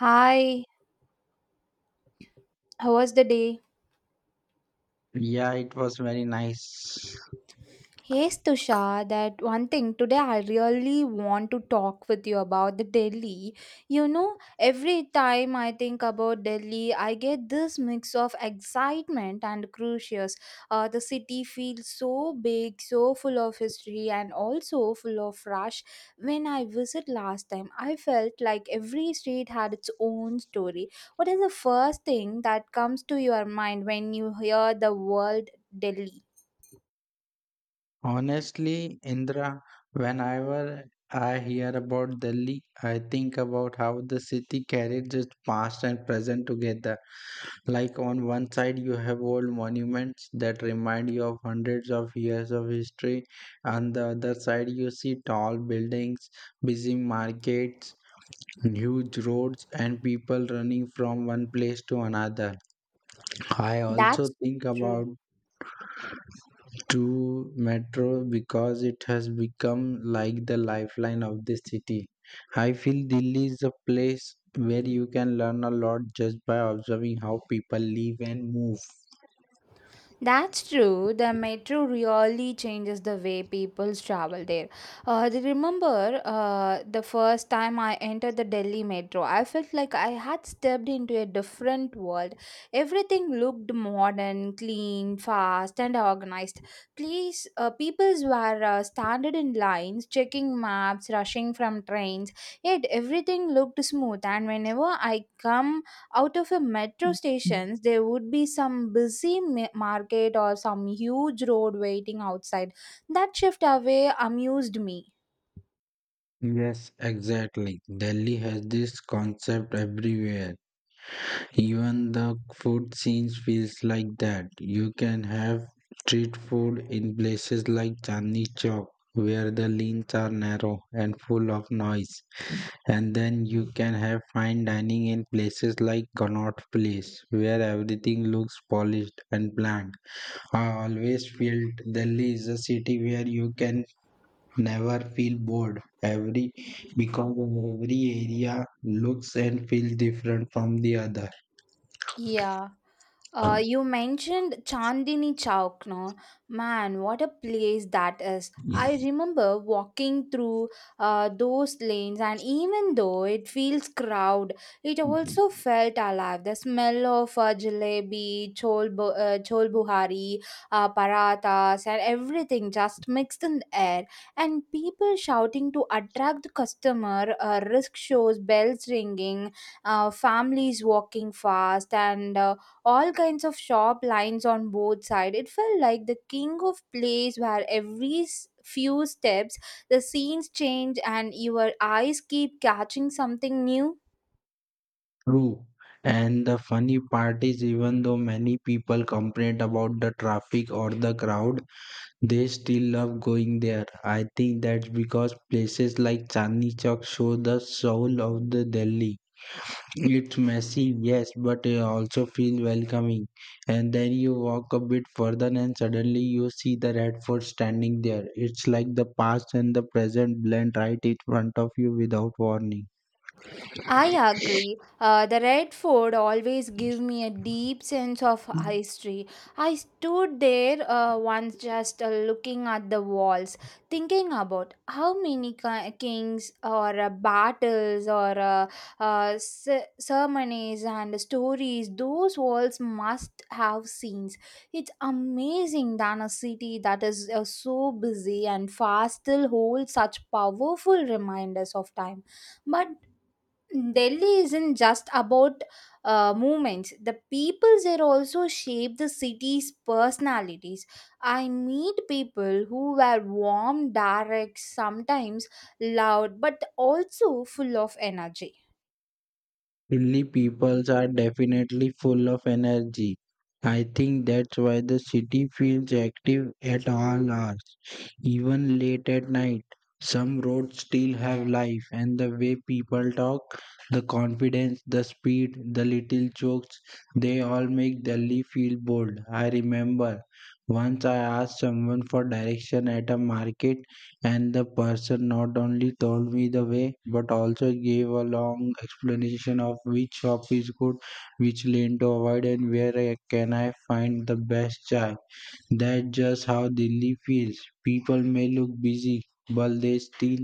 Hi, how was the day? Yeah, it was very nice. Hey Tusha, that one thing today I really want to talk with you about the Delhi. You know, every time I think about Delhi, I get this mix of excitement and curious. The city feels so big, so full of history, and also full of rush. When I visit last time, I felt like every street had its own story. What is the first thing that comes to your mind when you hear the word Delhi? Honestly, Indra, whenever I hear about Delhi, I think about how the city carries its past and present together. Like on one side, you have old monuments that remind you of hundreds of years of history. On the other side, you see tall buildings, busy markets, huge roads, and people running from one place to another. I also That's think about true. to metro because it has become like the lifeline of the city. I feel Delhi is a place where you can learn a lot just by observing how people live and move. That's true. The metro really changes the way people travel there. I remember the first time I entered the Delhi metro, I felt like I had stepped into a different world. Everything looked modern, clean, fast, and organized. Please, peoples were standing in lines, checking maps, rushing from trains. Yet everything looked smooth. And whenever I come out of a metro stations there would be some busy market or some huge road waiting outside that shift away amused me. Yes, exactly. Delhi has this concept everywhere. Even the food scenes feels like that. You can have street food in places like Chandni Chowk, where the lanes are narrow and full of noise. And then you can have fine dining in places like Connaught Place, where everything looks polished and planned. I always felt Delhi is a city where you can never feel bored. Every because every area looks and feels different from the other. Yeah. You mentioned Chandini Chowk, no? Man, what a place that is. I remember walking through those lanes, and even though it feels crowded, it also felt alive. The smell of jalebi, chol buhari, parathas, and everything just mixed in the air. And people shouting to attract the customer, risk shows, bells ringing, families walking fast, and all kinds of shop lines on both sides. It felt like the king of place where every few steps the scenes change and your eyes keep catching something new. True. And the funny part is, even though many people complain about the traffic or the crowd, they still love going there. I think that's because places like Chandni Chowk show the soul of the Delhi. It's messy, yes, but it also feels welcoming. And then you walk a bit further and suddenly you see the Red Fort standing there. It's like the past and the present blend right in front of you without warning. I agree. The red fort always give me a deep sense of history. I stood there once just looking at the walls, thinking about how many kings or battles or ceremonies and stories those walls must have seen. It's amazing that a city that is so busy and fast still holds such powerful reminders of time. But Delhi isn't just about movements. The people there also shape the city's personalities. I meet people who were warm, direct, sometimes loud, but also full of energy. Delhi peoples are definitely full of energy. I think that's why the city feels active at all hours, even late at night. Some roads still have life, and the way people talk, the confidence, the speed, the little jokes, they all make Delhi feel bold. I remember once I asked someone for direction at a market and the person not only told me the way, but also gave a long explanation of which shop is good, which lane to avoid, and where I can I find the best chai. That's just how Delhi feels. People may look busy, but they still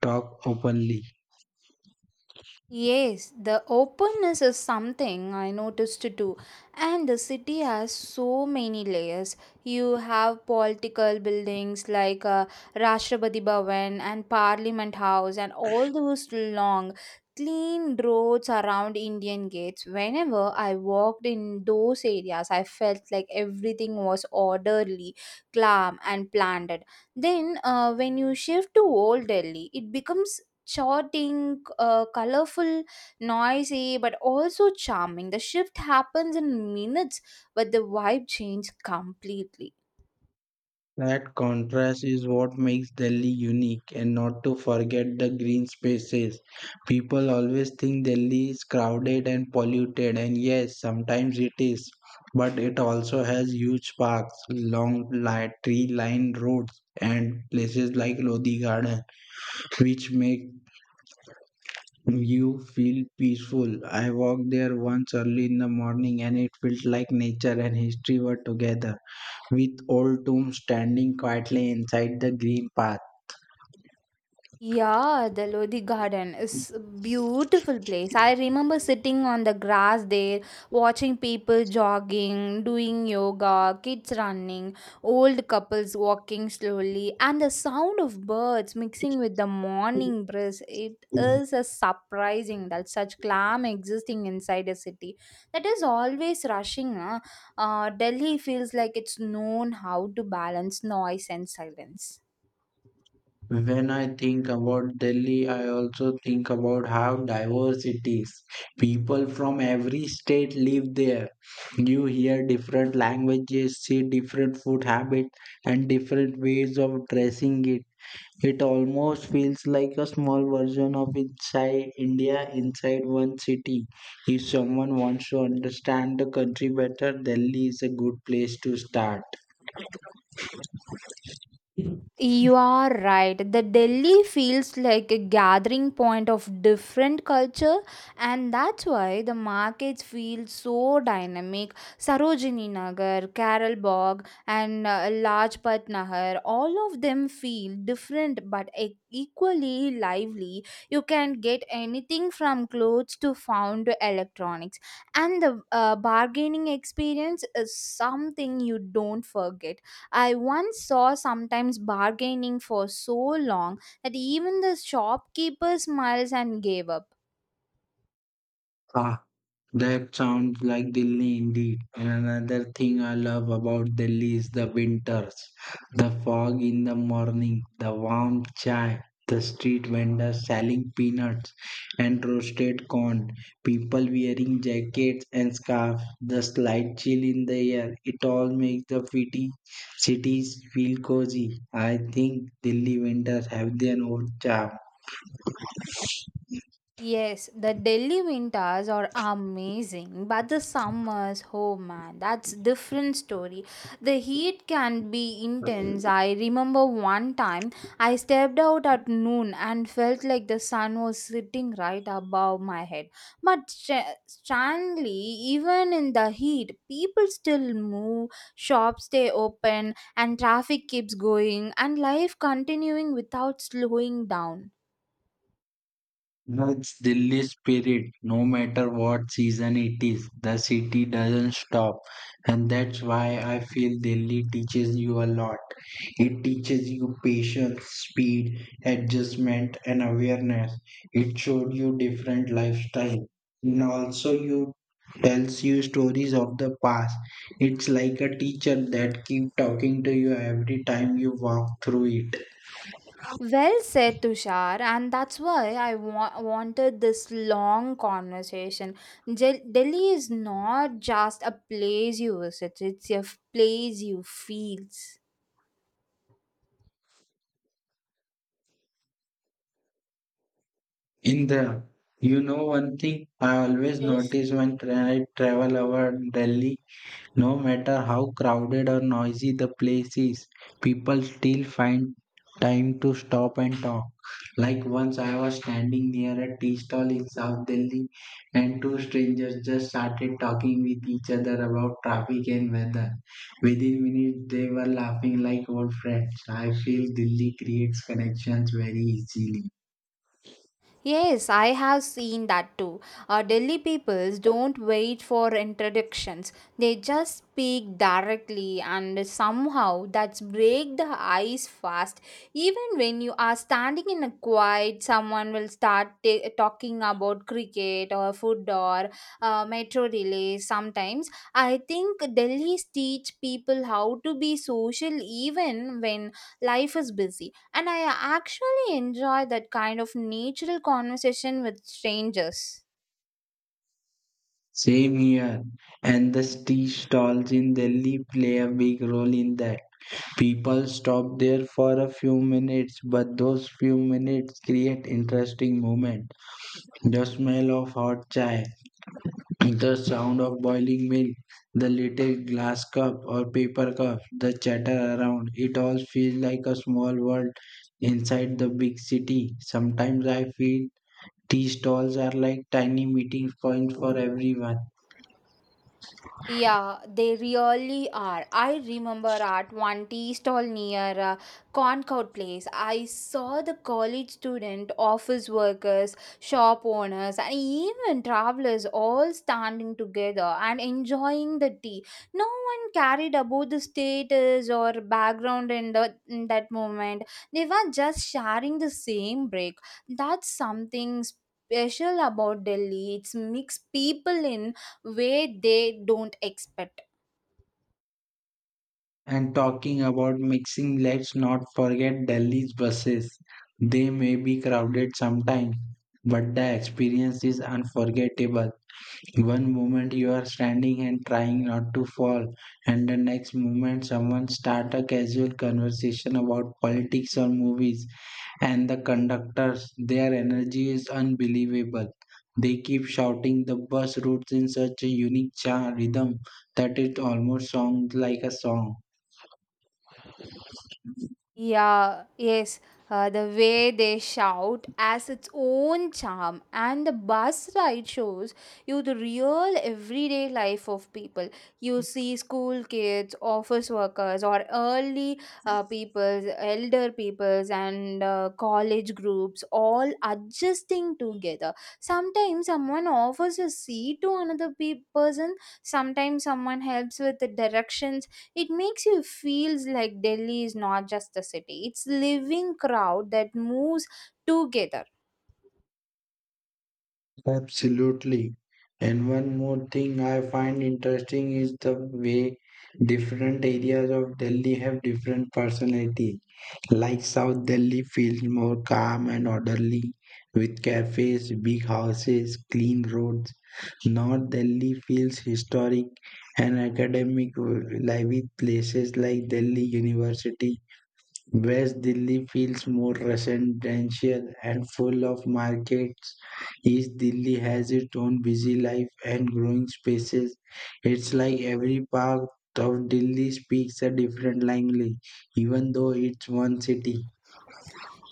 talk openly. Yes, the openness is something I noticed too. And the city has so many layers. You have political buildings like Rashtrapati Bhavan and Parliament House and all those long clean roads around Indian gates. Whenever I walked in those areas, I felt like everything was orderly, calm and planned. Then when you shift to Old Delhi, it becomes charting, colorful, noisy, but also charming. The shift happens in minutes, but the vibe changed completely. That contrast is what makes Delhi unique, and not to forget the green spaces. People always think Delhi is crowded and polluted, and yes, sometimes it is, but it also has huge parks, long tree-lined roads, and places like Lodi Garden, which make you feel peaceful. I walked there once early in the morning, and it felt like nature and history were together with old tomb standing quietly inside the green path. Yeah, the Lodi Garden is a beautiful place. I remember sitting on the grass there, watching people jogging, doing yoga, kids running, old couples walking slowly, and the sound of birds mixing with the morning breeze. It is a surprising that such calm existing inside a city that is always rushing. Huh? Delhi feels like it's known how to balance noise and silence. When I think about Delhi, I also think about how diverse it is. People from every state live there. You hear different languages, see different food habits, and different ways of dressing it. It almost feels like a small version of inside India inside one city. If someone wants to understand the country better, Delhi is a good place to start. You are right. The Delhi feels like a gathering point of different culture, and that's why the markets feel so dynamic. Sarojini Nagar, Carol Bagh, and Lajpat Nahar, all of them feel different but equally lively. You can get anything from clothes to found to electronics, and the bargaining experience is something you don't forget. I once saw sometimes bargaining for so long that even the shopkeeper smiles and gave up. Ah, that sounds like Delhi indeed. And another thing I love about Delhi is the winters. The fog in the morning, the warm chai, the street vendors selling peanuts and roasted corn, people wearing jackets and scarves, the slight chill in the air. It all makes the city cities feel cozy. I think Delhi winters have their own charm. Yes, the Delhi winters are amazing, but the summers, oh man, that's different story. The heat can be intense. I remember one time I stepped out at noon and felt like the sun was sitting right above my head. But strangely, even in the heat, people still move, shops stay open, and traffic keeps going, and life continuing without slowing down. That's Delhi's spirit. No matter what season it is, the city doesn't stop. And that's why I feel Delhi teaches you a lot. It teaches you patience, speed, adjustment, and awareness. It showed you different lifestyle. And also you tells you stories of the past. It's like a teacher that keep talking to you every time you walk through it. Well said, Tushar, and that's why I wanted this long conversation. Jel Delhi is not just a place you visit, it's a place you feel. In the, you know one thing I always Yes. notice when I travel around Delhi, no matter how crowded or noisy the place is, people still find time to stop and talk. Like once I was standing near a tea stall in South Delhi and two strangers just started talking with each other about traffic and weather. Within minutes they were laughing like old friends. I feel Delhi creates connections very easily. Yes, I have seen that too. Delhi peoples don't wait for introductions. They just speak directly and somehow that's break the ice fast. Even when you are standing in a quiet, someone will start talking about cricket or food or metro delays sometimes. I think Delhi's teach people how to be social even when life is busy and I actually enjoy that kind of natural conversation with strangers. Same here. And the tea stalls in Delhi play a big role in that. People stop there for a few minutes, but those few minutes create interesting moments. The smell of hot chai, the sound of boiling milk, the little glass cup or paper cup, the chatter around, it all feels like a small world inside the big city. Sometimes I feel tea stalls are like tiny meeting points for everyone. Yeah, they really are. I remember at one tea stall near Concord Place, I saw the college student, office workers, shop owners, and even travelers all standing together and enjoying the tea. No one carried about the status or background in that moment. They were just sharing the same break. That's something special about Delhi. It's mixed people in way they don't expect. And talking about mixing, let's not forget Delhi's buses. They may be crowded sometimes, but the experience is unforgettable. One moment you are standing and trying not to fall, and the next moment someone start a casual conversation about politics or movies, and the conductors, their energy is unbelievable. They keep shouting the bus routes in such a unique cha rhythm that it almost sounds like a song. Yeah, yes. The way they shout has its own charm, and the bus ride shows you the real everyday life of people. You see school kids, office workers, or early peoples, elder peoples, and college groups all adjusting together. Sometimes someone offers a seat to another person, sometimes someone helps with the directions. It makes you feels like Delhi is not just a city; it's living crowd that moves together. Absolutely. And one more thing I find interesting is the way different areas of Delhi have different personality. Like South Delhi feels more calm and orderly with cafes, big houses, clean roads. North Delhi feels historic and academic, like with places like Delhi University. West Delhi feels more residential and full of markets. East Delhi has its own busy life and growing spaces. It's like every part of Delhi speaks a different language, even though it's one city.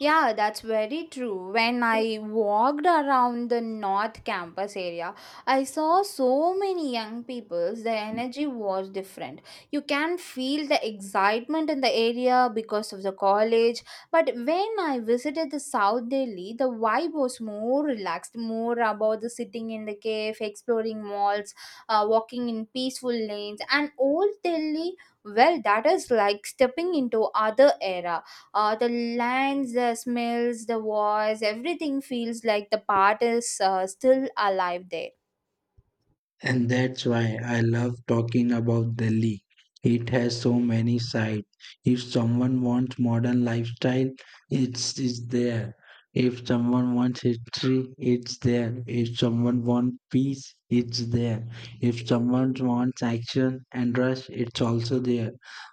Yeah, that's very true. When I walked around the North Campus area, I saw so many young people. The energy was different. You can feel the excitement in the area because of the college. But when I visited the South Delhi, the vibe was more relaxed, more about the sitting in the cave, exploring malls, walking in peaceful lanes. And Old Delhi, well, that is like stepping into other era. The lands, the smells, the voice, everything feels like the part is still alive there. And that's why I love talking about Delhi. It has so many sides. If someone wants modern lifestyle, it's there. If someone wants history, it's there. If someone wants peace, it's there. If someone wants action and rush, it's also there.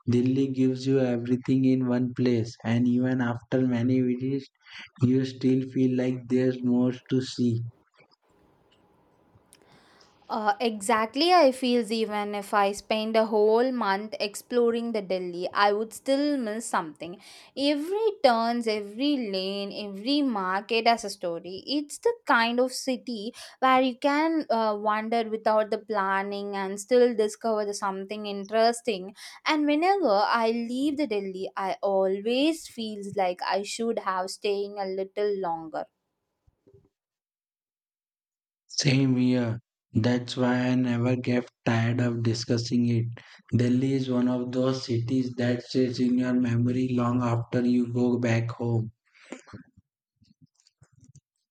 Delhi gives you everything in one place, and even after many visits, you still feel like there's more to see. Exactly, I feels even if I spend a whole month exploring the Delhi, I would still miss something. Every turns, every lane, every market has a story. It's the kind of city where you can wander without the planning and still discover the something interesting. And whenever I leave the Delhi, I always feels like I should have staying a little longer. Same here. That's why I never get tired of discussing it. Delhi is one of those cities that stays in your memory long after you go back home.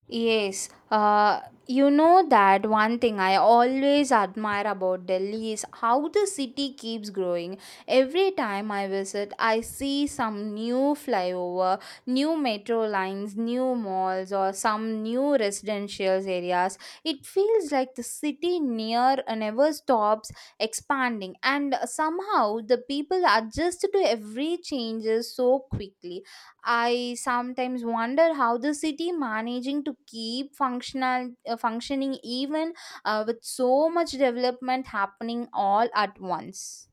Yes, you know that one thing I always admire about Delhi is how the city keeps growing. Every time I visit, I see some new flyover, new metro lines, new malls, or some new residential areas. It feels like the city near never stops expanding, and somehow the people adjust to every changes so quickly. I sometimes wonder how the city managing to keep functional functioning even with so much development happening all at once.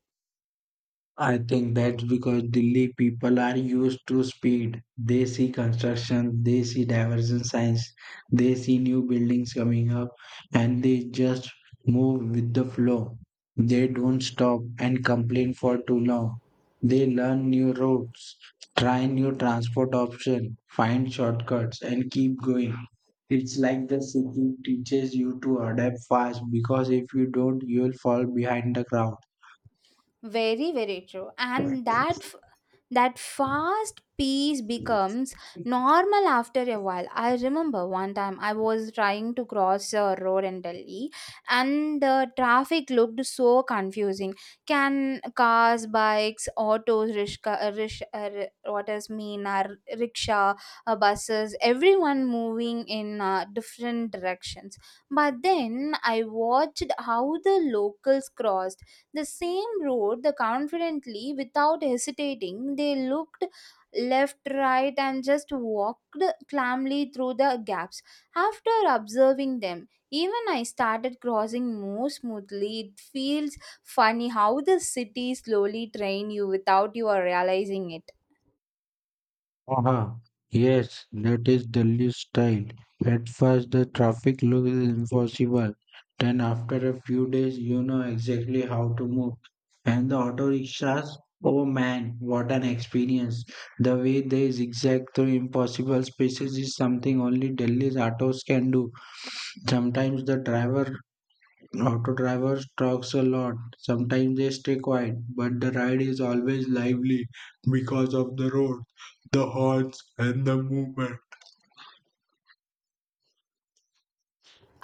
I think that's because Delhi people are used to speed. They see construction, they see diversion signs, they see new buildings coming up, and they just move with the flow. They don't stop and complain for too long. They learn new routes, try new transport options, find shortcuts, and keep going. It's like the city teaches you to adapt fast because if you don't, you'll fall behind the crowd. Very, very true. And that fast pace becomes normal after a while. I remember one time I was trying to cross a road in Delhi and the traffic looked so confusing. Can cars, bikes, autos, rishka, rish, ri- what does mean are rickshaw, buses, everyone moving in different directions. But then I watched how the locals crossed the same road, the confidently without hesitating. They looked left, right, and just walked calmly through the gaps. After observing them, even I started crossing more smoothly. It feels funny how the city slowly train you without you are realizing it. Uh-huh. Yes, that is Delhi's style. At first, the traffic looks impossible. Then, after a few days, you know exactly how to move. And the auto rickshaws, oh man, what an experience! The way they zigzag through impossible spaces is something only Delhi's autos can do. Sometimes auto drivers, talks a lot. Sometimes they stay quiet, but the ride is always lively because of the road, the horn.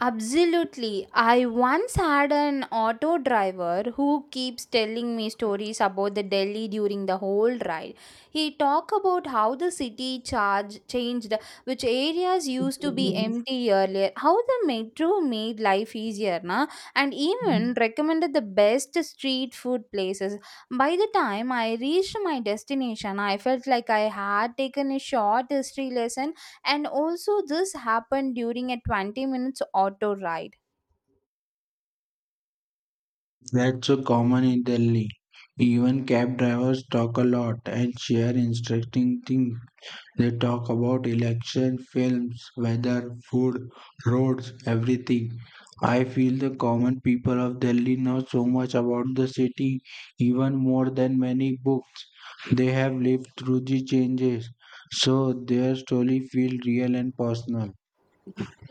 Absolutely. I once had an auto driver who keeps telling me stories about the Delhi during the whole ride. He talked about how the city charge changed, which areas used to be empty earlier, how the metro made life easier, na? And even recommended the best street food places. By the time I reached my destination, I felt like I had taken a short history lesson and also this happened during a 20 minutes auto ride. That's so common in Delhi. Even cab drivers talk a lot and share interesting things. They talk about election, films, weather, food, roads, everything. I feel the common people of Delhi know so much about the city, even more than many books. They have lived through the changes, so their story feels real and personal.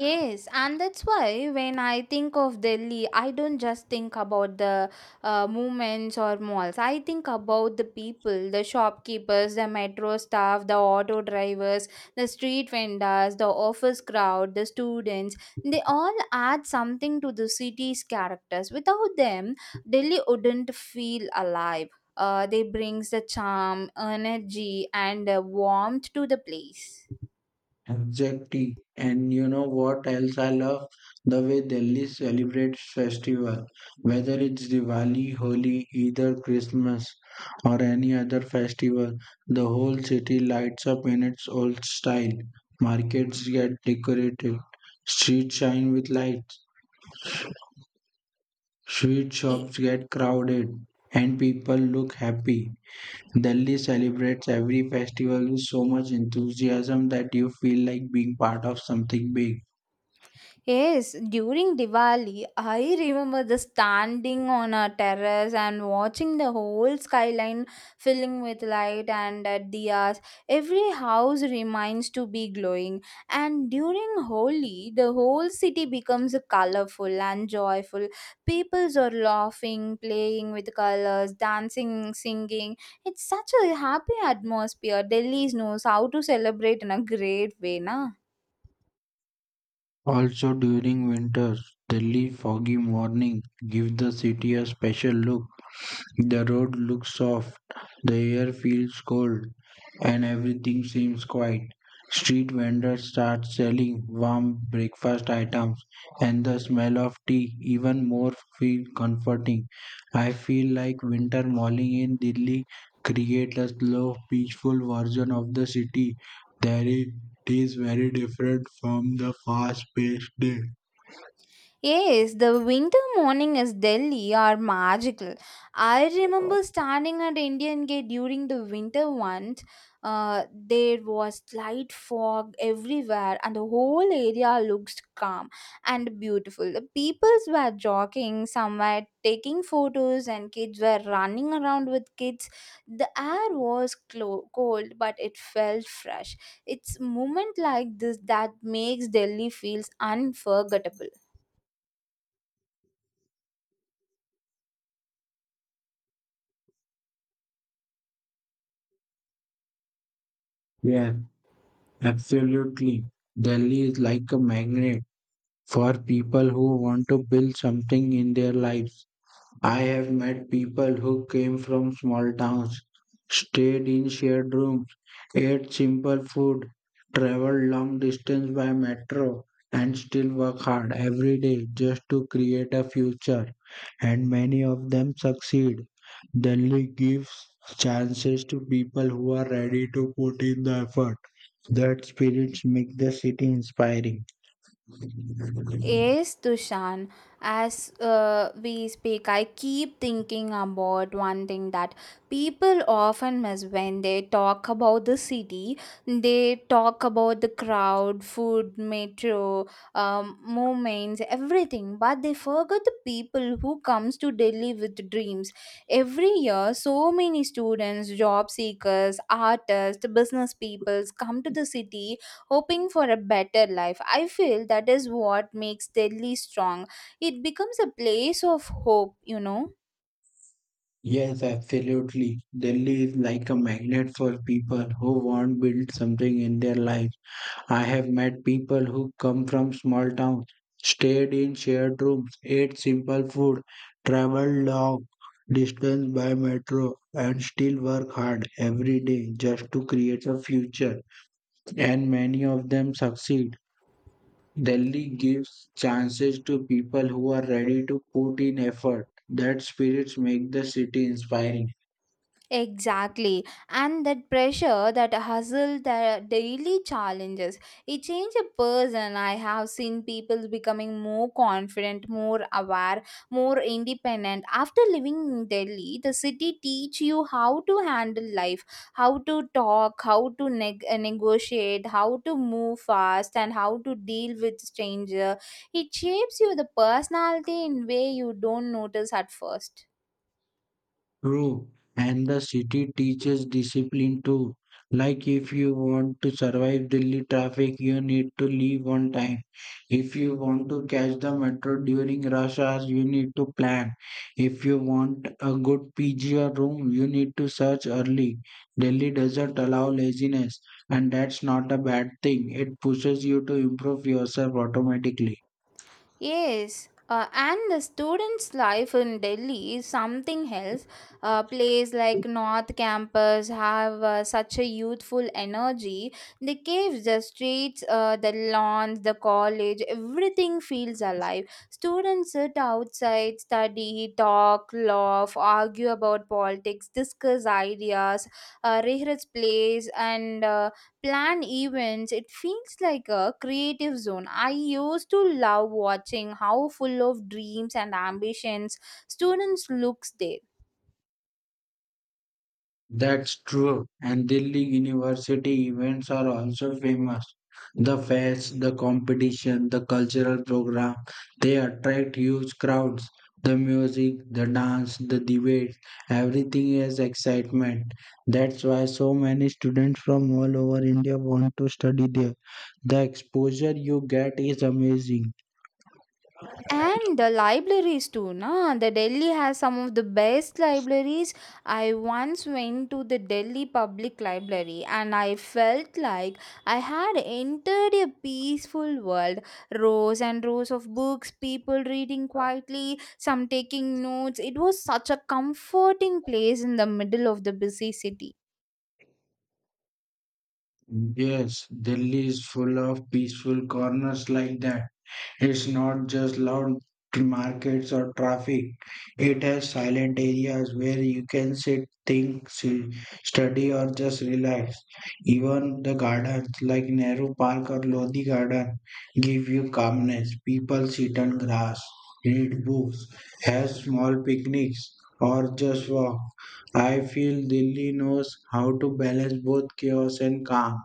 Yes, and that's why when I think of Delhi, I don't just think about the movements or malls. I think about the people, the shopkeepers, the metro staff, the auto drivers, the street vendors, the office crowd, the students. They all add something to the city's characters. Without them, Delhi wouldn't feel alive. They brings the charm, energy, and warmth to the place. Exactly. And you know what else I love? The way Delhi celebrates festival, whether it's Diwali, Holi, Eid or Christmas or any other festival, the whole city lights up in its old style. Markets get decorated, streets shine with lights, sweet shops get crowded, and people look happy. Delhi celebrates every festival with so much enthusiasm that you feel like being part of something big. Yes, during Diwali, I remember the standing on a terrace and watching the whole skyline filling with light and diyas. Every house remains to be glowing. And during Holi, the whole city becomes colorful and joyful. Peoples are laughing, playing with colors, dancing, singing. It's such a happy atmosphere. Delhi knows how to celebrate in a great way, na? Also during winter, chilly, foggy morning give the city a special look. The road looks soft, the air feels cold, and everything seems quiet. Street vendors start selling warm breakfast items, and the smell of tea even more feel comforting. I feel like winter morning in Delhi create a slow, peaceful version of the city. There is It is very different from the fast-paced day. Yes, the winter morning is Delhi are magical. I remember standing at Indian Gate during the winter once. There was light fog everywhere, and the whole area looked calm and beautiful. The peoples were jogging somewhere, taking photos, and kids were running around with kids. The air was cold, but it felt fresh. It's moment like this that makes Delhi feels unforgettable. Yeah, absolutely. Delhi is like a magnet for people who want to build something in their lives. I have met people who came from small towns, stayed in shared rooms, ate simple food, traveled long distance by metro, and still work hard every day just to create a future. And many of them succeed. Delhi gives chances to people who are ready to put in the effort. That spirits make the city inspiring. Yes, Dushan. As we speak, I keep thinking about one thing that people often miss when they talk about the city. They talk about the crowd, food, metro, movements, everything, but they forget the people who comes to Delhi with dreams. Every year, so many students, job seekers, artists, business peoples come to the city hoping for a better life. I feel that is what makes Delhi strong. It becomes a place of hope. Yes, absolutely. Delhi is like a magnet for people who want to build something in their life. I have met people who come from small towns, stayed in shared rooms, ate simple food, traveled long distance by metro, and still work hard every day just to create a future. And many of them succeed. Delhi gives chances to people who are ready to put in effort. That spirits make the city inspiring. Exactly. And that pressure, that hustle, the daily challenges, it changes a person. I have seen people becoming more confident, more aware, more independent. After living in Delhi, the city teach you how to handle life, how to talk, how to negotiate, how to move fast, and how to deal with stranger. It shapes you the personality in way you don't notice at first. True, and the city teaches discipline too. Like if you want to survive Delhi traffic, you need to leave on time. If you want to catch the metro during rush hours, you need to plan. If you want a good PG or room, you need to search early. Delhi doesn't allow laziness, and that's not a bad thing. It pushes you to improve yourself automatically. Yes, and the students' life in Delhi is something else. A place like North Campus have such a youthful energy. The caves, the streets, the lawns, the college, everything feels alive. Students sit outside, study, talk, laugh, argue about politics, discuss ideas, rehearse plays, and plan events. It feels like a creative zone. I used to love watching how full of dreams and ambitions students looks there. That's true, and Delhi University events are also famous. The fairs, the competition, the cultural program, they attract huge crowds. The music, the dance, the debate, everything is excitement. That's why so many students from all over India want to study there. The exposure you get is amazing. And the libraries too, na. The Delhi has some of the best libraries. I once went to the Delhi Public Library and I felt like I had entered a peaceful world. Rows and rows of books, people reading quietly, some taking notes. It was such a comforting place in the middle of the busy city. Yes, Delhi is full of peaceful corners like that. It's not just loud markets or traffic. It has silent areas where you can sit, think, see, study, or just relax. Even the gardens like Nehru Park or Lodi Garden give you calmness. People sit on grass, read books, have small picnics, or just walk. I feel Delhi knows how to balance both chaos and calm.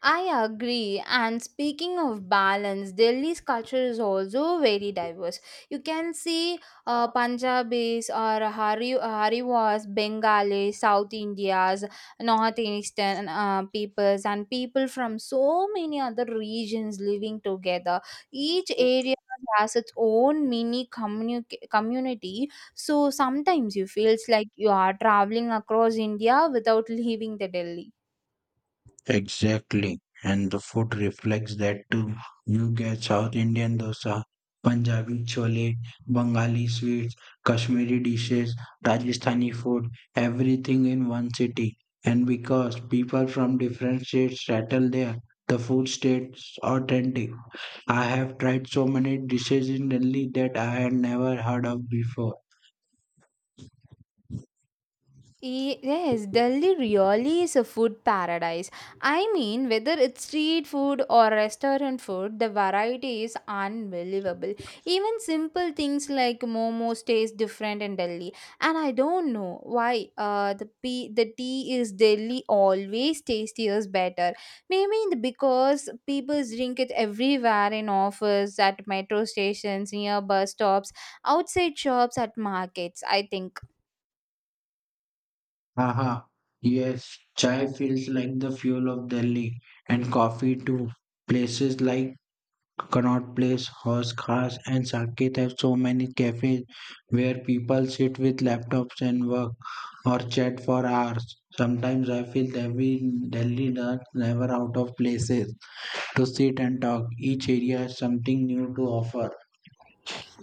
I agree. And speaking of balance, Delhi's culture is also very diverse. You can see Punjabis or Hari, Hariwas, Bengali, South Indias, North Eastern peoples, and people from so many other regions living together. Each area has its own mini community. So sometimes you feels like you are traveling across India without leaving the Delhi. Exactly. And the food reflects that too. You get South Indian dosa, Punjabi chole, Bengali sweets, Kashmiri dishes, Rajasthani food, everything in one city. And because people from different states settle there, the food stays authentic. I have tried so many dishes in Delhi that I had never heard of before. Yes, Delhi really is a food paradise. I mean, whether it's street food or restaurant food, the variety is unbelievable. Even simple things like momos taste different in Delhi, and I don't know why. The tea is Delhi always tastier better. Maybe because people drink it everywhere, in office, at metro stations, near bus stops, outside shops, at markets, I think. Haha. Yes, chai feels like the fuel of Delhi and coffee too. Places like Connaught Place, Horse Khas and Saket have so many cafes where people sit with laptops and work or chat for hours. Sometimes I feel that we Delhi are never out of places to sit and talk. Each area has something new to offer.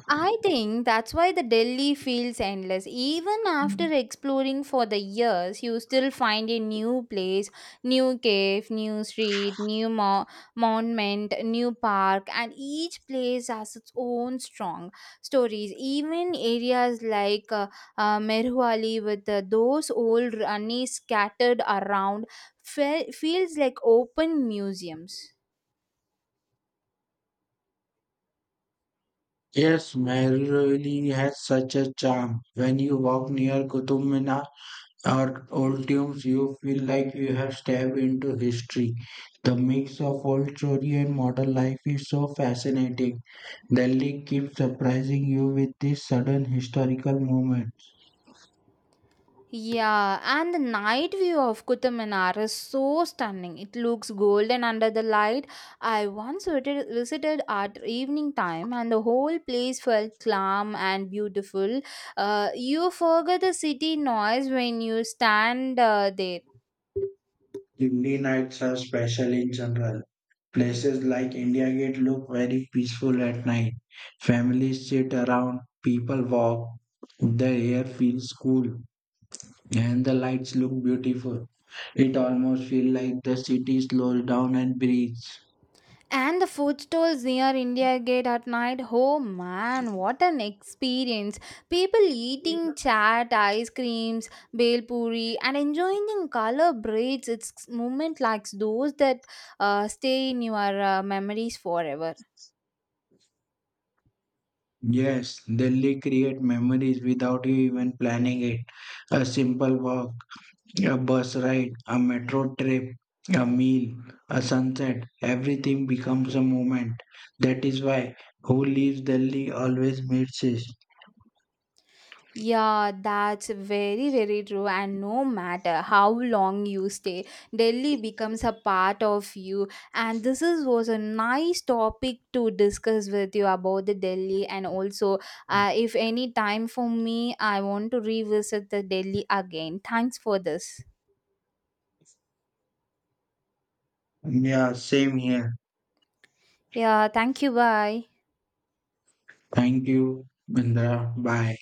I think that's why the Delhi feels endless. Even after exploring for the years, you still find a new place, new cave, new street, monument, new park, and each place has its own strong stories. Even areas like Merhuali with those old runny scattered around feels like open museums. Yes, Mehrovili has such a charm. When you walk near Qutub Minar, our old tunes, you feel like you have stepped into history. The mix of old story and modern life is so fascinating. Delhi keeps surprising you with these sudden historical moments. Yeah, and the night view of Qutub Minar is so stunning. It looks golden under the light. I once visited at evening time, and the whole place felt calm and beautiful. You forget the city noise when you stand there. Hindi nights are special in general. Places like India Gate look very peaceful at night. Families sit around, people walk, the air feels cool, and the lights look beautiful. It almost feels like the city slows down and breathes. And the food stalls near India Gate at night. Oh man, what an experience! People eating chaat, ice creams, bel puri, and enjoying in color braids. It's moment like those that stay in your memories forever. Yes, Delhi create memories without you even planning it. A simple walk, a bus ride, a metro trip, a meal, a sunset, everything becomes a moment. That is why who leaves Delhi always misses. Yeah, that's very, very true. And no matter how long you stay, Delhi becomes a part of you. And this is was a nice topic to discuss with you about the Delhi. And also, if any time for me, I want to revisit the Delhi again. Thanks for this. Yeah, same here. Yeah, thank you. Bye. Thank you, Bindra. Bye.